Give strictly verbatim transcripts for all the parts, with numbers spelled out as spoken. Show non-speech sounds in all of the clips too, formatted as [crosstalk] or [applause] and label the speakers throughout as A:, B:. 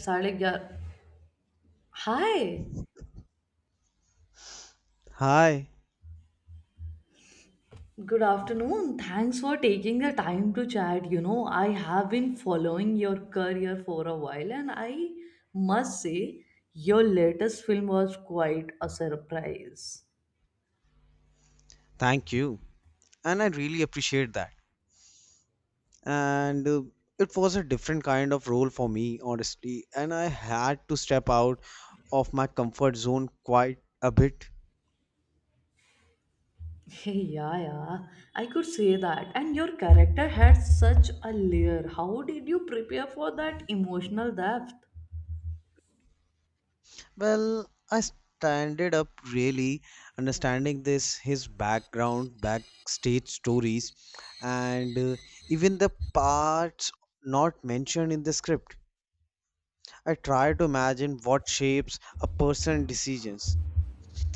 A: Saligya. Hi,
B: Hi,
A: good afternoon. Thanks for taking the time to chat. You know, I have been following your career for a while, and I must say, your latest film was quite a surprise.
B: thank you. And I really appreciate that. And uh, It was a different kind of role for me, honestly. And I had to step out of my comfort zone quite a bit.
A: Hey, yeah, yeah, I could say that. And your character had such a layer. How did you prepare for that emotional depth?
B: Well, I standed up really understanding this, his background, backstage stories, and uh, even the parts not mentioned in the script. I tried to imagine what shapes a person's decisions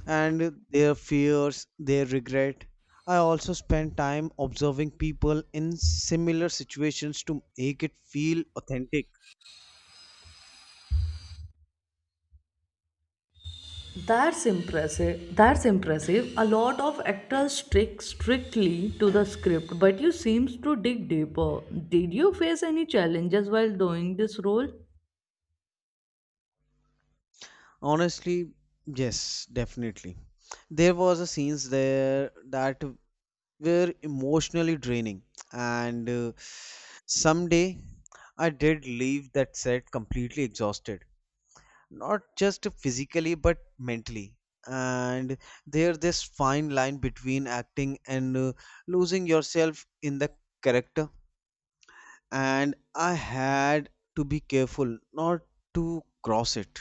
B: and their fears, their regret. I also spend time observing people in similar situations to make it feel authentic.
A: That's impressive. That's impressive. A lot of actors stick strictly to the script, but you seems to dig deeper. Did you face any challenges while doing this role?
B: Honestly, yes, definitely. There was a scenes there that were emotionally draining, and uh, someday I did leave that set completely exhausted. Not just physically but mentally, and there this fine line between acting and uh, losing yourself in the character, and I had to be careful not to cross it.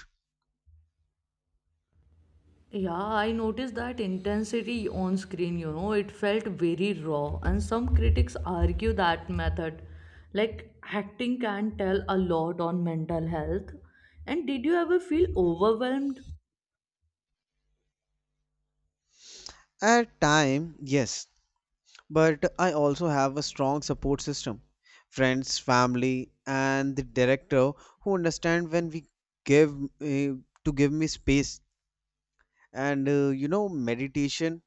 A: Yeah, I noticed that intensity on screen, you know, it felt very raw, and some critics argue that method, like acting, can tell a lot on mental health. And did you ever feel overwhelmed?
B: At time yes, but I also have a strong support system, friends family and the director who understand when we give uh, to give me space, and uh, you know meditation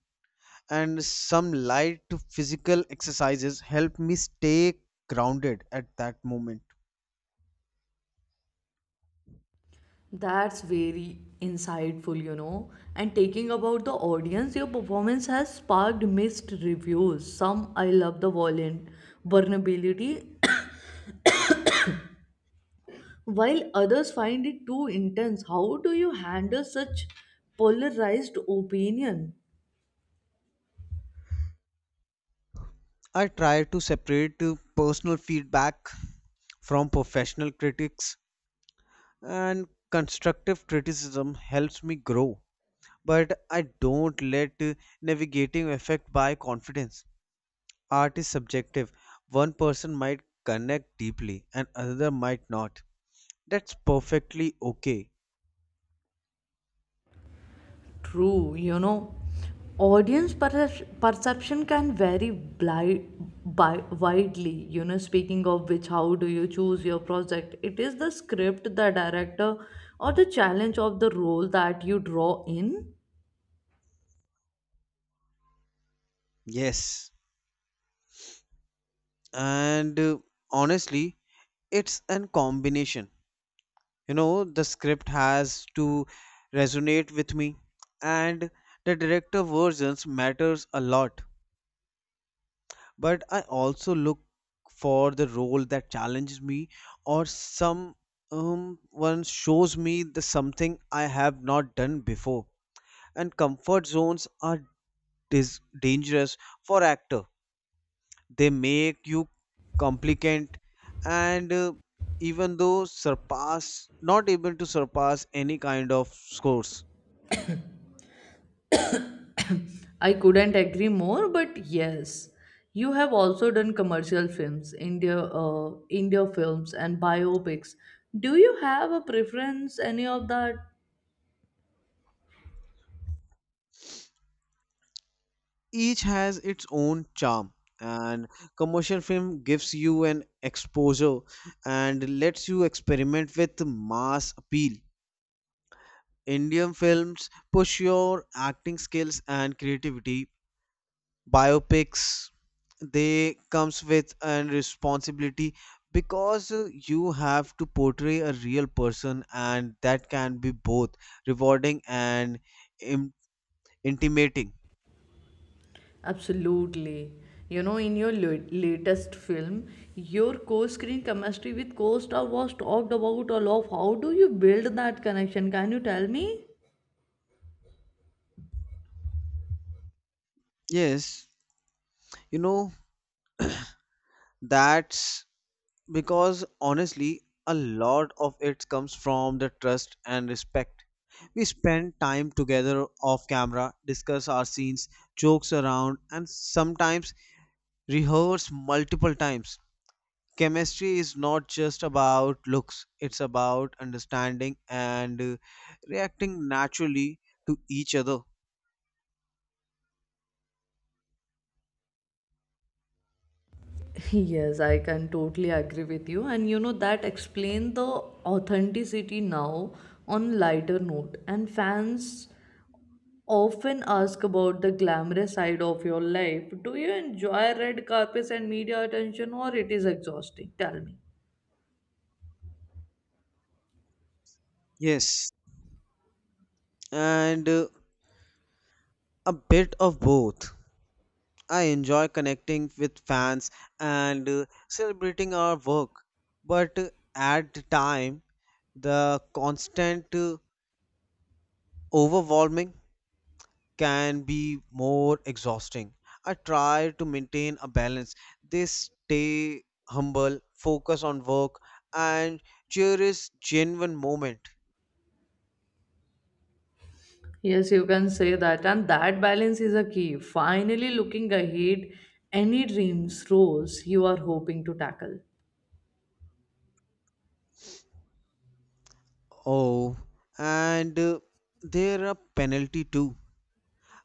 B: and some light physical exercises help me stay grounded at that moment.
A: That's very insightful, you know. And taking about the audience, your performance has sparked mixed reviews. Some I love the violent vulnerability, [coughs] while others find it too intense. How do you handle such polarized opinion?
B: I try to separate uh, personal feedback from professional critics, and constructive criticism helps me grow. But I don't let uh, navigating affect my confidence. Art is subjective. One person might connect deeply and another might not. That's perfectly okay.
A: True, you know, audience percep- perception can vary bli- bi- widely. You know, speaking of which, how do you choose your project? It is the script, the director, or the challenge of the role that you draw in.
B: Yes. and uh, Honestly it's an combination, you know the script has to resonate with me, and the director versions matters a lot, but I also look for the role that challenges me, or some um, one shows me the something I have not done before. And comfort zones are dis- dangerous for actor, they make you complicant, and uh, even though surpass not able to surpass any kind of scores.
A: I couldn't agree more, but yes, you have also done commercial films, India, uh, India films, and biopics. Do you have a preference, any of that?
B: Each has its own charm, and commercial film gives you an exposure and lets you experiment with mass appeal. Indian films push your acting skills and creativity. Biopics, they comes with an responsibility because uh, you have to portray a real person, and that can be both rewarding and Im- intimating.
A: Absolutely. You know, in your la- latest film, your co-screen chemistry with co-star was talked about a lot. How do you build that connection? Can you tell me?
B: Yes, you know that's because honestly a lot of it comes from the trust and respect. We spend time together off camera, discuss our scenes, jokes around and sometimes rehearse multiple times. Chemistry is not just about looks, it's about understanding and uh, reacting naturally to each other.
A: [laughs] Yes, I can totally agree with you. And you know, that explain the authenticity now on lighter note. And fans often ask about the glamorous side of your life. Do you enjoy red carpets and media attention or it is exhausting? Tell me.
B: Yes, and uh, a bit of both. I enjoy connecting with fans and uh, celebrating our work, but uh, at the time the constant uh, overwhelming can be more exhausting. I try to maintain a balance. They stay humble, focus on work, and cherish genuine moment.
A: Yes, you can say that. And that balance is a key. Finally, looking ahead, any dreams, roles you are hoping to tackle.
B: Oh, and uh, there are penalty too.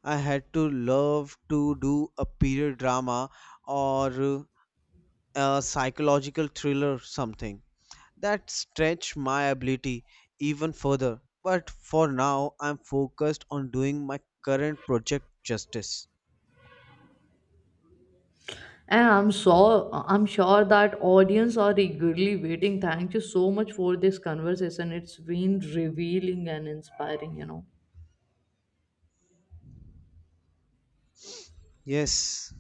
B: I had to love to do a period drama or uh, a psychological thriller, something that stretch my ability even further. But for now, I'm focused on doing my current project justice.
A: And I'm sure, I'm sure that audience are eagerly waiting. Thank you so much for this conversation. It's been revealing and inspiring, you know.
B: Yes,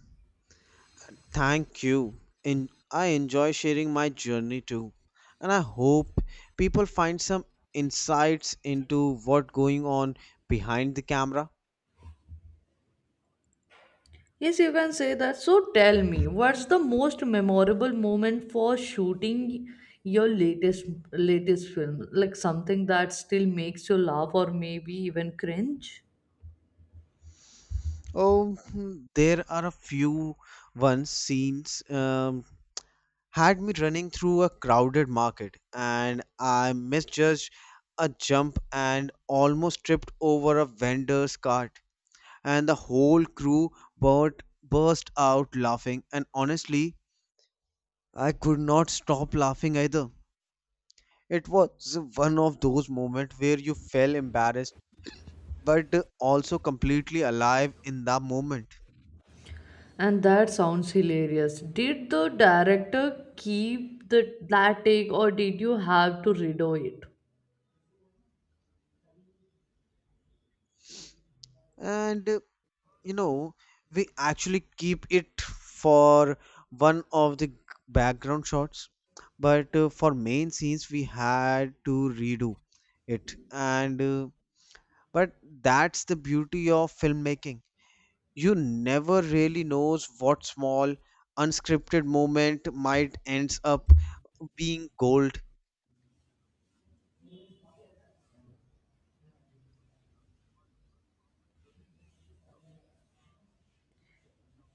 B: thank you. In, I enjoy sharing my journey too. And I hope people find some insights into what going on behind the camera.
A: Yes, you can say that. So tell me, what's the most memorable moment for shooting your latest latest film? Like something that still makes you laugh or maybe even cringe?
B: Oh, hmm, there are a few ones scenes um, had me running through a crowded market, and I misjudged a jump and almost tripped over a vendor's cart. And the whole crew burt, burst out laughing, and honestly, I could not stop laughing either. It was one of those moments where you felt embarrassed but also completely alive in the moment.
A: And that sounds hilarious. Did the director keep the, that take or did you have to redo it?
B: And you know, we actually keep it for one of the g- background shots, but uh, for main scenes we had to redo it and uh, but that's the beauty of filmmaking, you never really knows what small unscripted moment might ends up being gold.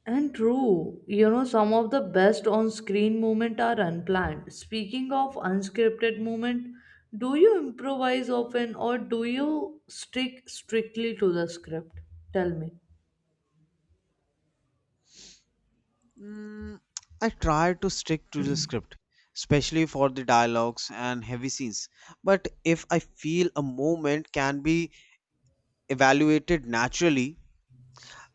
A: And true, you know, some of the best on screen moments are unplanned. Speaking of unscripted moment, do you improvise often or do you stick strictly to the script? Tell me.
B: Mm, I try to stick to the script, especially for the dialogues and heavy scenes. But if I feel a moment can be evaluated naturally,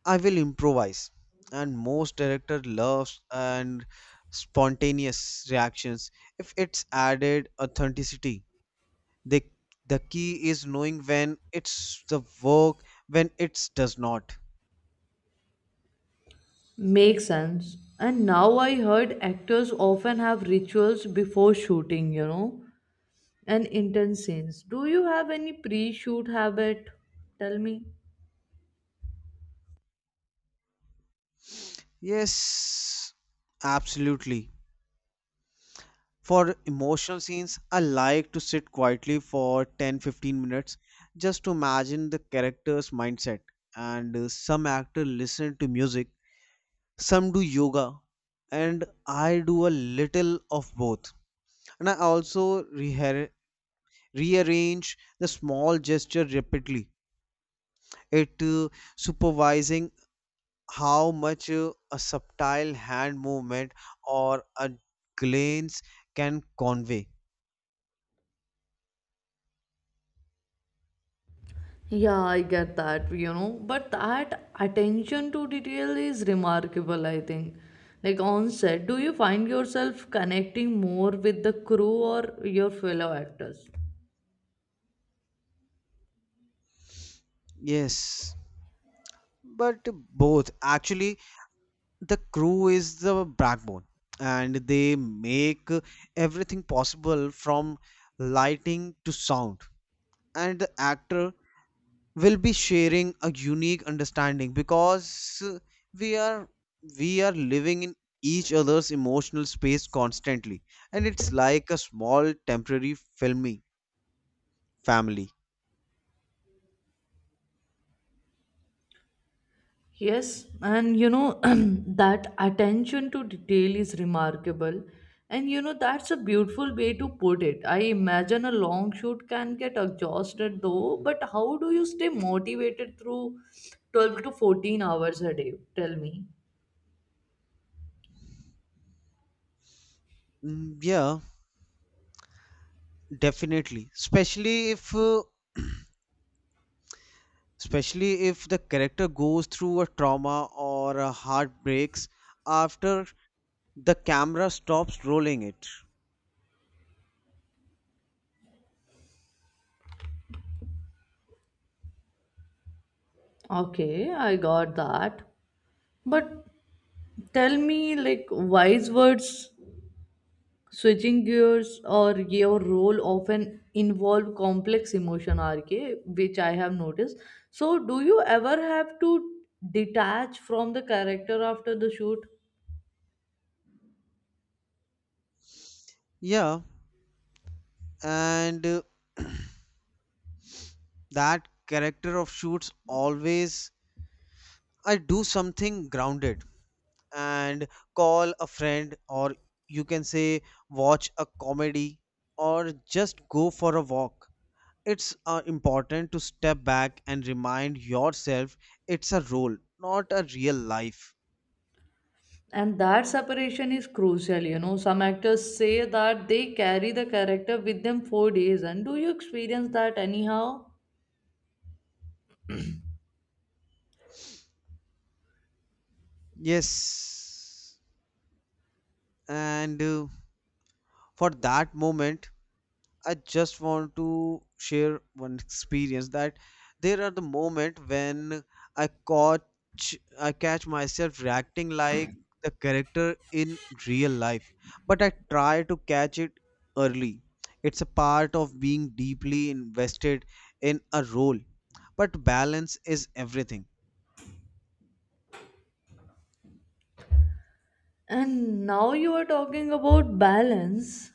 B: I will improvise. And most director loves and spontaneous reactions if it's added authenticity. The the key is knowing when it's the work, when it does not.
A: Makes sense. And now I heard actors often have rituals before shooting, you know, and intense scenes. Do you have any pre-shoot habit? Tell me.
B: Yes, absolutely. For emotional scenes, I like to sit quietly for ten fifteen minutes just to imagine the character's mindset. And uh, Some actors listen to music, some do yoga, and I do a little of both. And I also reha- rearrange the small gesture rapidly, it uh, supervising how much uh, a subtle hand movement or a glance can convey.
A: Yeah, I get that, you know, but that attention to detail is remarkable, I think. Like on set, do you find yourself connecting more with the crew or your fellow actors?
B: Yes, but both actually. The crew is the backbone and they make everything possible, from lighting to sound, and the actor will be sharing a unique understanding because uh, we are we are living in each other's emotional space constantly, and it's like a small temporary filming family.
A: Yes, and you know, [clears throat] that attention to detail is remarkable, and you know that's a beautiful way to put it. I imagine a long shoot can get exhausted though, but how do you stay motivated through twelve to fourteen hours a day? Tell me.
B: Mm, yeah definitely, especially if uh, [clears throat] especially if the character goes through a trauma or a heartbreaks after the camera stops rolling it.
A: Okay, I got that. But tell me, like, wise words switching gears or your role often involve complex emotion rk, which I have noticed, so do you ever have to detach from the character after the shoot?
B: Yeah, and uh, [clears throat] that character of shoots always, I do something grounded, and call a friend, or you can say watch a comedy, or just go for a walk. It's uh, important to step back and remind yourself it's a role, not a real life.
A: And that separation is crucial, you know. Some actors say that they carry the character with them for days, and do you experience that anyhow?
B: Yes, and uh, for that moment, I just want to share one experience that there are the moment when I catch I catch myself reacting like the character in real life, but I try to catch it early. It's a part of being deeply invested in a role, but balance is everything.
A: And now you are talking about balance.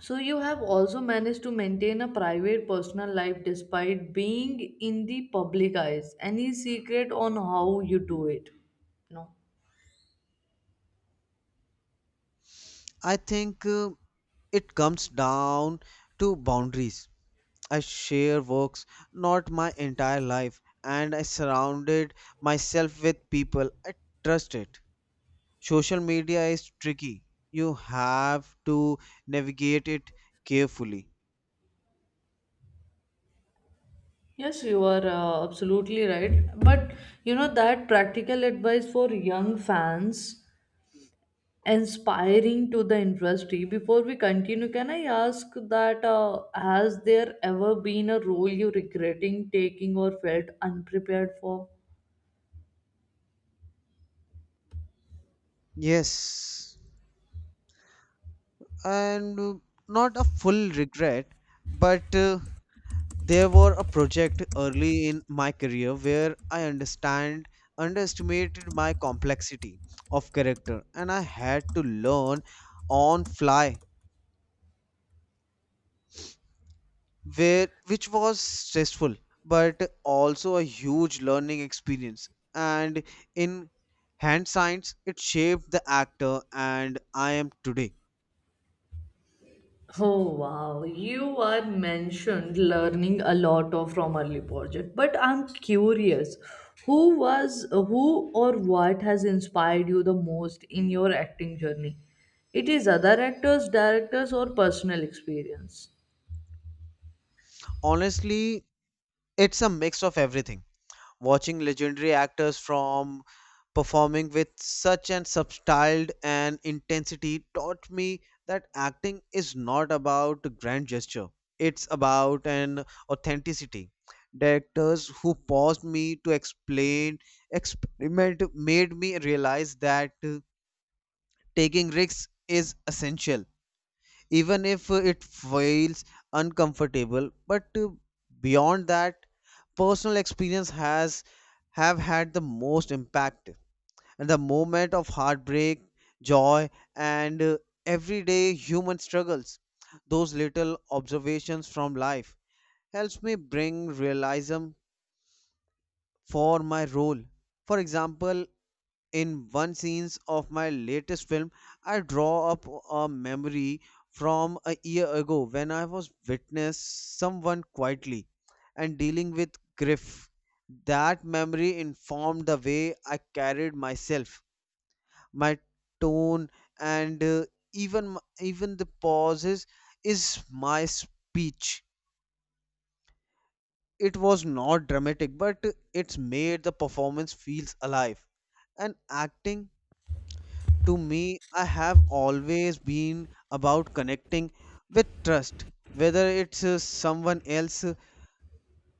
A: So you have also managed to maintain a private personal life despite being in the public eyes. Any secret on how you do it? No.
B: I think uh, it comes down to boundaries. I share works, not my entire life, and I surrounded myself with people I trusted. Social media is tricky. You have to navigate it carefully.
A: Yes, you are uh, absolutely right. But you know that practical advice for young fans inspiring to the industry. Before we continue, can I ask that uh, has there ever been a role you regretting taking or felt unprepared for?
B: Yes, and uh, not a full regret, but uh, there were a project early in my career where I understand underestimated my complexity of character, and I had to learn on fly, where which was stressful but also a huge learning experience, and in hand science it shaped the actor and I am today.
A: Oh wow, you were mentioned learning a lot of from early project, but I'm curious, who was who or what has inspired you the most in your acting journey? It is other actors, directors, or personal experience?
B: Honestly it's a mix of everything. Watching legendary actors from performing with such an substyled and intensity taught me that acting is not about grand gesture, it's about an authenticity. Directors who paused me to explain experiment made me realize that uh, taking risks is essential, even if uh, it feels uncomfortable, but uh, beyond that personal experience has have had the most impact, and the moment of heartbreak, joy, and uh, everyday human struggles. Those little observations from life helps me bring realism for my role. For example, in one scenes of my latest film, I draw up a memory from a year ago when I was witness someone quietly and dealing with grief. That memory informed the way I carried myself, my tone and uh, even m- even the pauses is my speech. It was not dramatic but it's made the performance feels alive. And acting to me I have always been about connecting with trust, whether it's uh, someone else's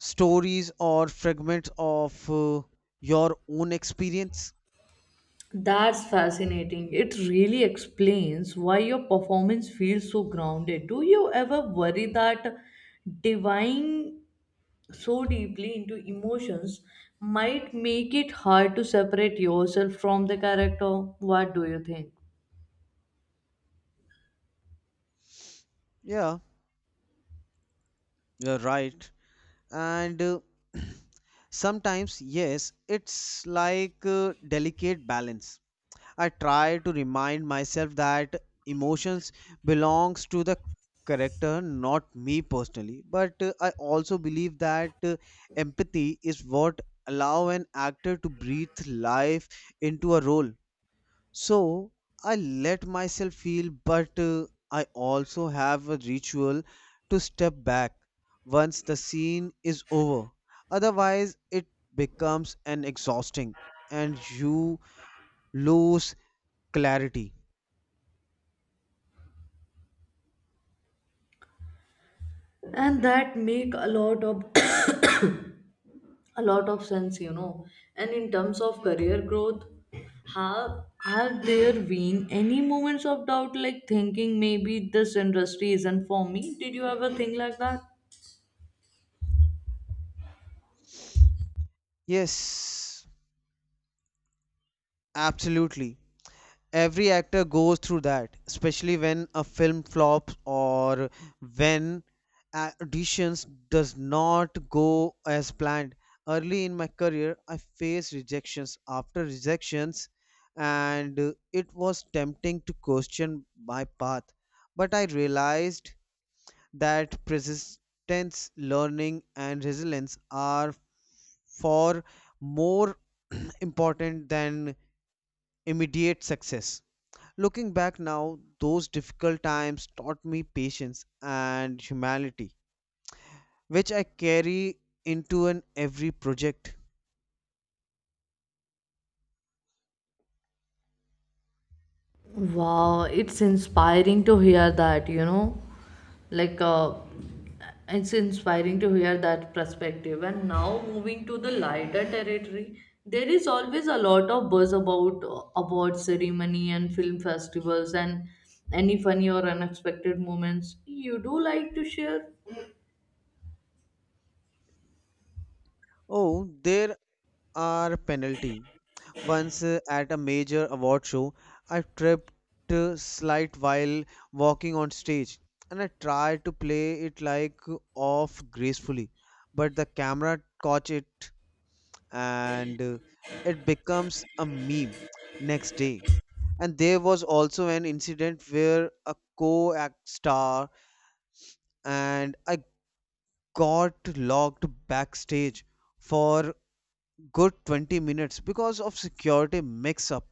B: stories or fragments of uh, your own experience.
A: That's fascinating. It really explains why your performance feels so grounded. Do you ever worry that divine so deeply into emotions might make it hard to separate yourself from the character? What do you think?
B: Yeah, you're right, and uh, [clears throat] sometimes yes, it's like a delicate balance. I try to remind myself that emotions belongs to the character not me personally, but uh, I also believe that uh, empathy is what allow an actor to breathe life into a role. So I let myself feel, but uh, I also have a ritual to step back once the scene is over. Otherwise, it becomes an exhausting and you lose clarity.
A: And that make a lot of [coughs] a lot of sense, you know. And in terms of career growth, have have there been any moments of doubt, like thinking maybe this industry isn't for me? Did you ever think like that?
B: Yes, absolutely. Every actor goes through that, especially when a film flops or when auditions does not go as planned. Early in my career I faced rejections after rejections, and uh, it was tempting to question my path, but I realized that persistence, learning and resilience are far more important than immediate success. Looking back now, those difficult times taught me patience and humanity, which I carry into an every project.
A: Wow, it's inspiring to hear that, you know. Like, uh, it's inspiring to hear that perspective. And now, moving to the lighter territory, there is always a lot of buzz about uh, award ceremony and film festivals, and any funny or unexpected moments you do like to share.
B: Oh, there are penalty. Once uh, at a major award show, I tripped uh, slight while walking on stage, and I tried to play it like off gracefully, but the camera caught it and uh, it becomes a meme next day. And there was also an incident where a co-act star and I got locked backstage for good twenty minutes because of security mix-up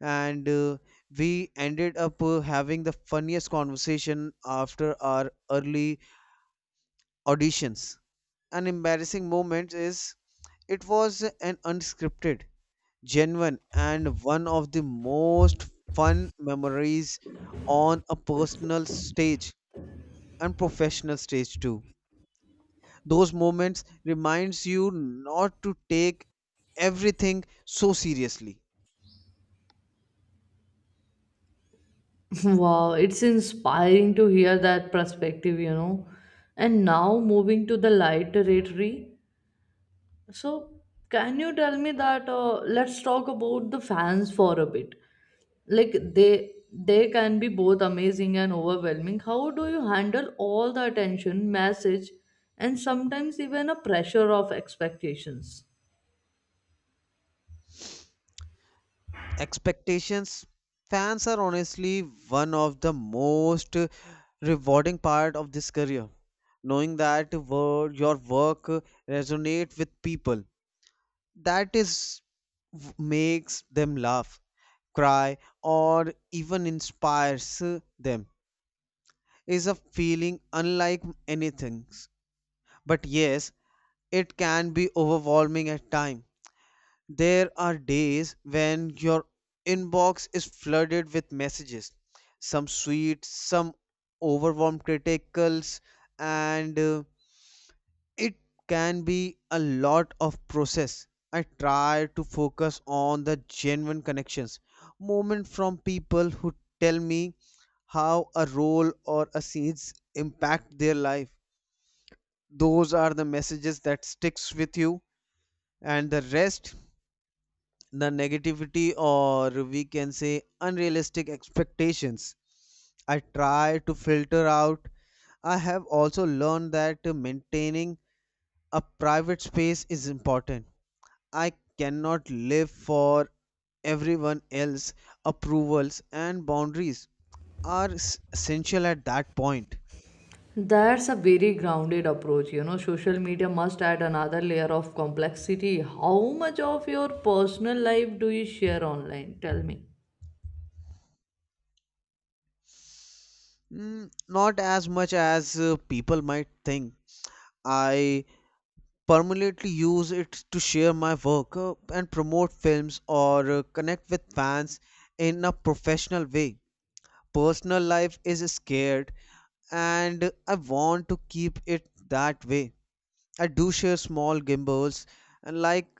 B: and uh, we ended up uh, having the funniest conversation after our early auditions. An embarrassing moment is it was an unscripted, genuine, and one of the most fun memories on a personal stage and professional stage too. Those moments reminds you not to take everything so seriously.
A: [laughs] Wow, it's inspiring to hear that perspective, you know. And now moving to the light territory, so, can you tell me that? Uh, let's talk about the fans for a bit. Like they they can be both amazing and overwhelming. How do you handle all the attention, message, and sometimes even a pressure of expectations?
B: Expectations. Fans are honestly one of the most uh, rewarding part of this career, knowing that wor- your work uh, resonate with people, that is, w- makes them laugh, cry, or even inspires uh, them, is a feeling unlike anything. But yes, it can be overwhelming at times. There are days when your inbox is flooded with messages, some sweet, some overwhelmed criticals, and uh, it can be a lot of process. I try to focus on the genuine connections moment from people who tell me how a role or a scenes impact their life. Those are the messages that sticks with you, and the rest, the negativity or we can say unrealistic expectations, I try to filter out. I have also learned that maintaining a private space is important. I cannot live for everyone else. Approvals and boundaries are s- essential at that point.
A: That's a very grounded approach. You know, social media must add another layer of complexity. How much of your personal life do you share online? Tell me.
B: Mm, not as much as uh, people might think. I permanently use it to share my work uh, and promote films or uh, connect with fans in a professional way. Personal life is scared, and I want to keep it that way. I do share small gimbals and like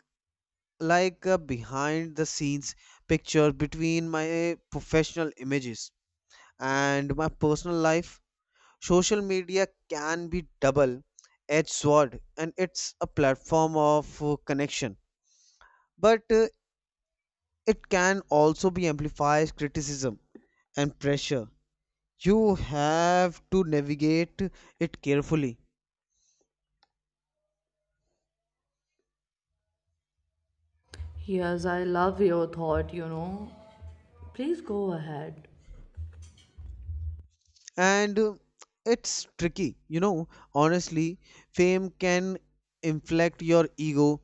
B: like a behind the scenes picture between my professional images and my personal life. Social media can be double edged sword, and it's a platform of uh, connection, but uh, it can also be amplifies criticism and pressure. You have to navigate it carefully,
A: Yes, I love your thought, you know. Please go ahead.
B: and uh, it's tricky you know Honestly, fame can inflate your ego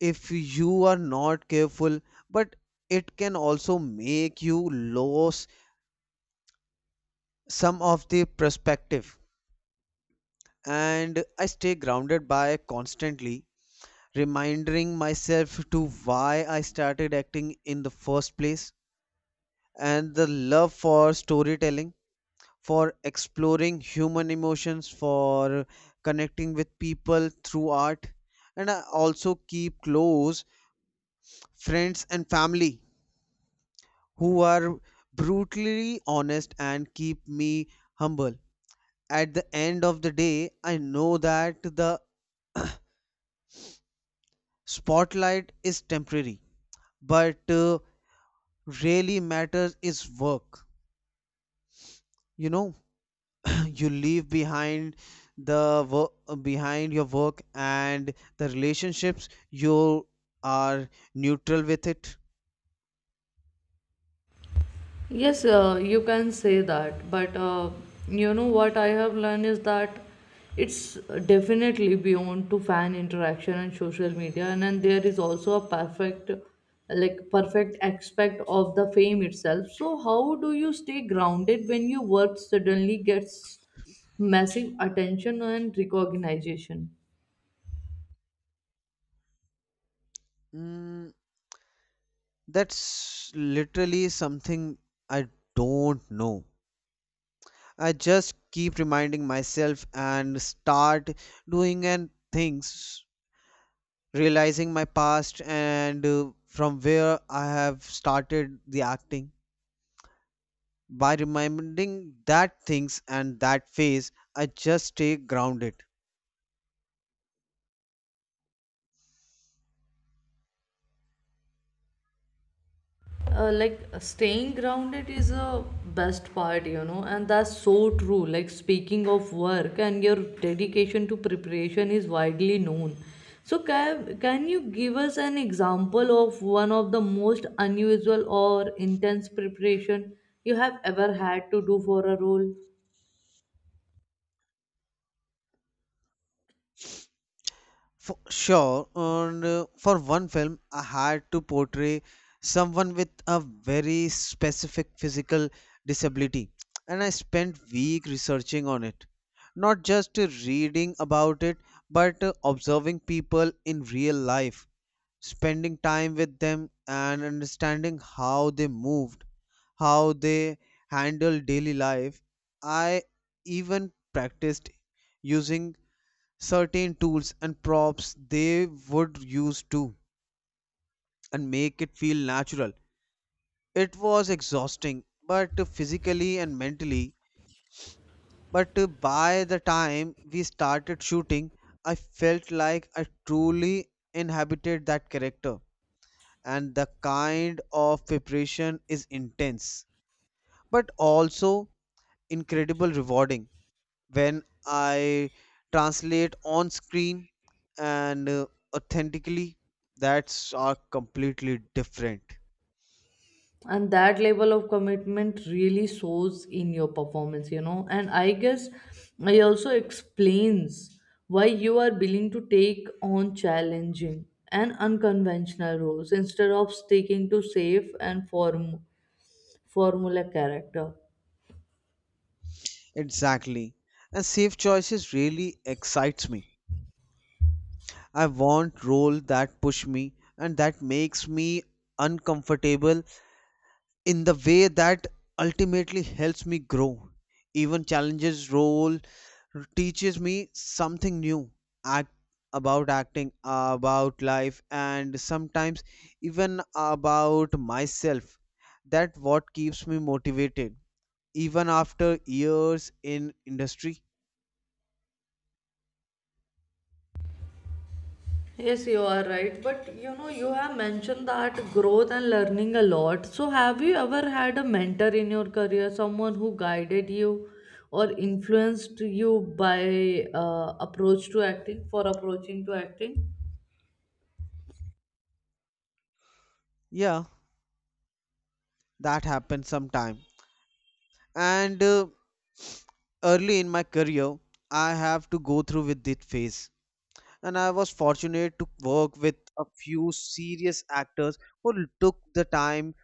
B: if you are not careful, but it can also make you lose some of the perspective. And I stay grounded by constantly reminding myself to why I started acting in the first place, and the love for storytelling, for exploring human emotions, for connecting with people through art. And I also keep close friends and family who are brutally honest and keep me humble. At the end of the day, I know that the spotlight is temporary, but uh, really matters is work, you know. You leave behind the work behind your work and the relationships you are neutral with it.
A: Yes, uh, you can say that, but uh, you know what I have learned is that it's definitely beyond to fan interaction and social media, and then there is also a perfect, like perfect aspect of the fame itself. So how do you stay grounded when your work suddenly gets massive attention and recognition?
B: mm, that's literally something I don't know. I just keep reminding myself and start doing and things, realizing my past, and uh, from where I have started the acting. By reminding that things and that phase, I just stay grounded.
A: Uh, like staying grounded is a best part, you know, and that's so true. Like speaking of work and your dedication to preparation is widely known, so can, can you give us an example of one of the most unusual or intense preparation you have ever had to do for a role?
B: For sure, and uh, for one film, I had to portray someone with a very specific physical disability, and I spent week researching on it. Not just uh, reading about it, but uh, observing people in real life, spending time with them, and understanding how they moved, how they handled daily life. I even practiced using certain tools and props they would use too and make it feel natural. It was exhausting, but physically and mentally. But by the time we started shooting, I felt like I truly inhabited that character. And the kind of preparation is intense, but also incredible rewarding. When I translate on screen and uh, authentically, that's are completely different.
A: And that level of commitment really shows in your performance, you know, and I guess it also explains why you are willing to take on challenging and unconventional roles instead of sticking to safe and form formula character.
B: Exactly. And safe choices really excites me. I want role that push me and that makes me uncomfortable in the way that ultimately helps me grow. Even challenges role teaches me something new, act, about acting, about life, and sometimes even about myself. That what keeps me motivated, even after years in industry.
A: Yes, you are right. But you know, you have mentioned that growth and learning a lot. So, have you ever had a mentor in your career, someone who guided you or influenced you by uh, approach to acting, for approaching to acting?
B: Yeah, that happens sometime. And uh, early in my career, I have to go through with this phase, and I was fortunate to work with a few serious actors who took the time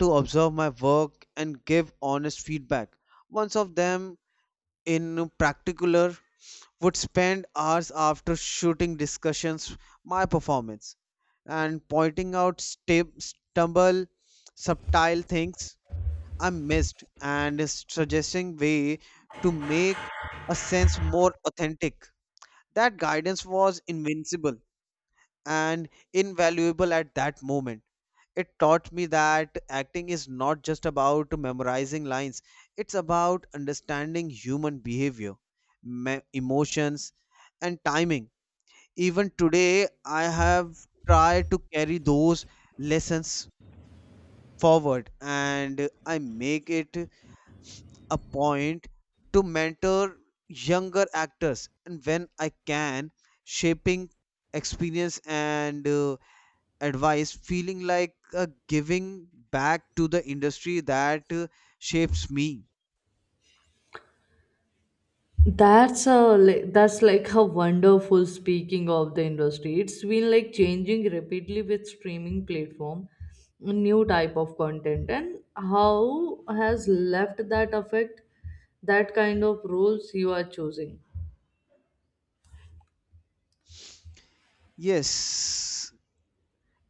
B: to observe my work and give honest feedback. One of them, in particular, would spend hours after shooting discussions my performance and pointing out stu- stumble subtle things I missed and suggesting way to make a sense more authentic. That guidance was invincible and invaluable at that moment. It taught me that acting is not just about memorizing lines, it's about understanding human behavior, me- emotions, and timing. Even today, I have tried to carry those lessons forward, and I make it a point to mentor younger actors and when I can, shaping experience and uh, advice feeling like uh, giving back to the industry that uh, shapes me.
A: That's a li- that's like a wonderful speaking of the industry. It's been like changing rapidly with streaming platform, new type of content, and how has left that affect that kind of roles you are choosing.
B: Yes,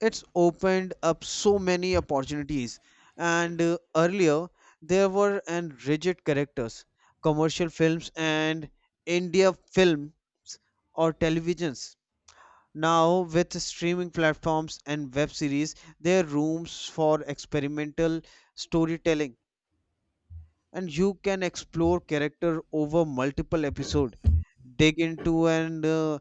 B: it's opened up so many opportunities, and uh, earlier there were and rigid characters, commercial films and india films or televisions. Now with streaming platforms and web series, there are rooms for experimental storytelling, and you can explore character over multiple episode, dig into and uh,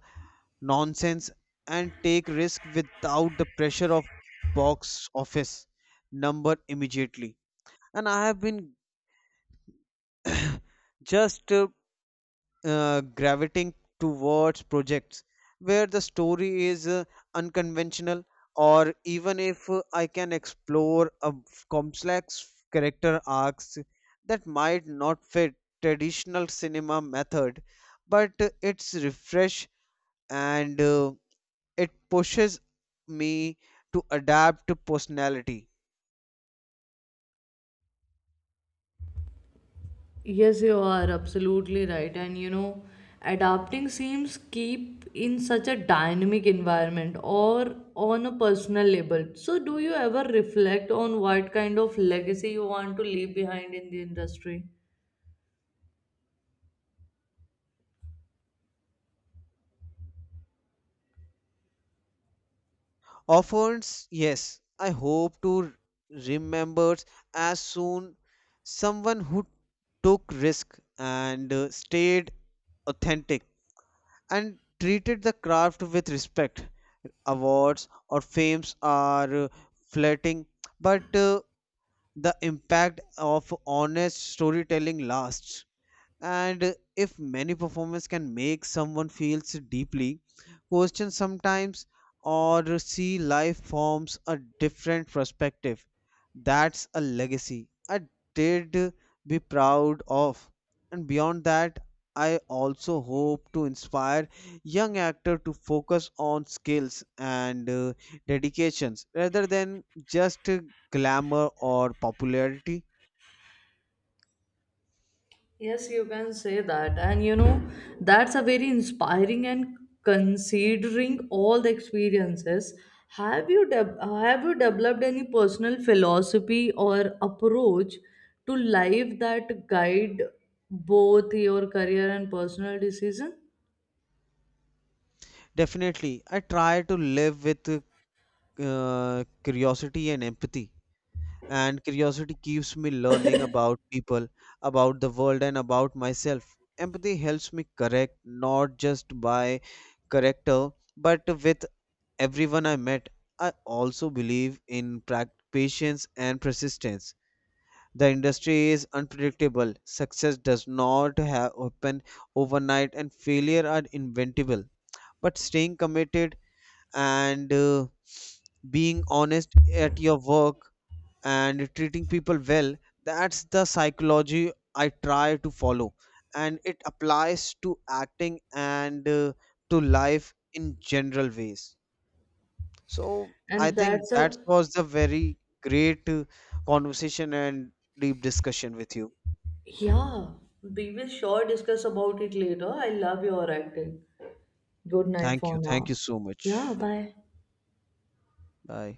B: nonsense, and take risk without the pressure of box office number immediately. And I have been [coughs] [clears throat] just uh, uh, gravitating towards projects where the story is uh, unconventional, or even if uh, I can explore a f- complex character arcs that might not fit traditional cinema method, but uh, it's refresh, and uh, it pushes me to adapt to personality.
A: Yes, you are absolutely right. And you know, adapting seems keep in such a dynamic environment or on a personal level. So, do you ever reflect on what kind of legacy you want to leave behind in the industry?
B: Offers, yes, I hope to remember as soon someone who took risk and uh, stayed authentic and treated the craft with respect. Awards or fames are uh, fleeting, but uh, the impact of honest storytelling lasts. And if many performers can make someone feels deeply, question sometimes, or see life forms a different perspective, that's a legacy I did be proud of. And beyond that, I also hope to inspire young actor to focus on skills and uh, dedications rather than just uh, glamour or popularity.
A: Yes, you can say that. And you know, that's a very inspiring and considering all the experiences. Have you de- have you developed any personal philosophy or approach to life that guide both your career and personal decision?
B: Definitely, I try to live with uh, curiosity and empathy. And curiosity keeps me learning about people, about the world, and about myself. Empathy helps me correct not just by character, but with everyone I met. I also believe in prac- patience and persistence. The industry is unpredictable. Success does not ha- happen overnight, and failure are inventable. But staying committed, and uh, being honest at your work, and treating people well, that's the psychology I try to follow. And it applies to acting and uh, to life in general ways. So I
A: And
B: think
A: that's
B: that
A: a
B: was the very great uh, conversation and deep discussion with you.
A: yeah, we will sure discuss about it later. I love your acting. Good night
B: Thank you,
A: for
B: thank you
A: now.
B: so
A: Yeah,
B: much.
A: bye.
B: Bye.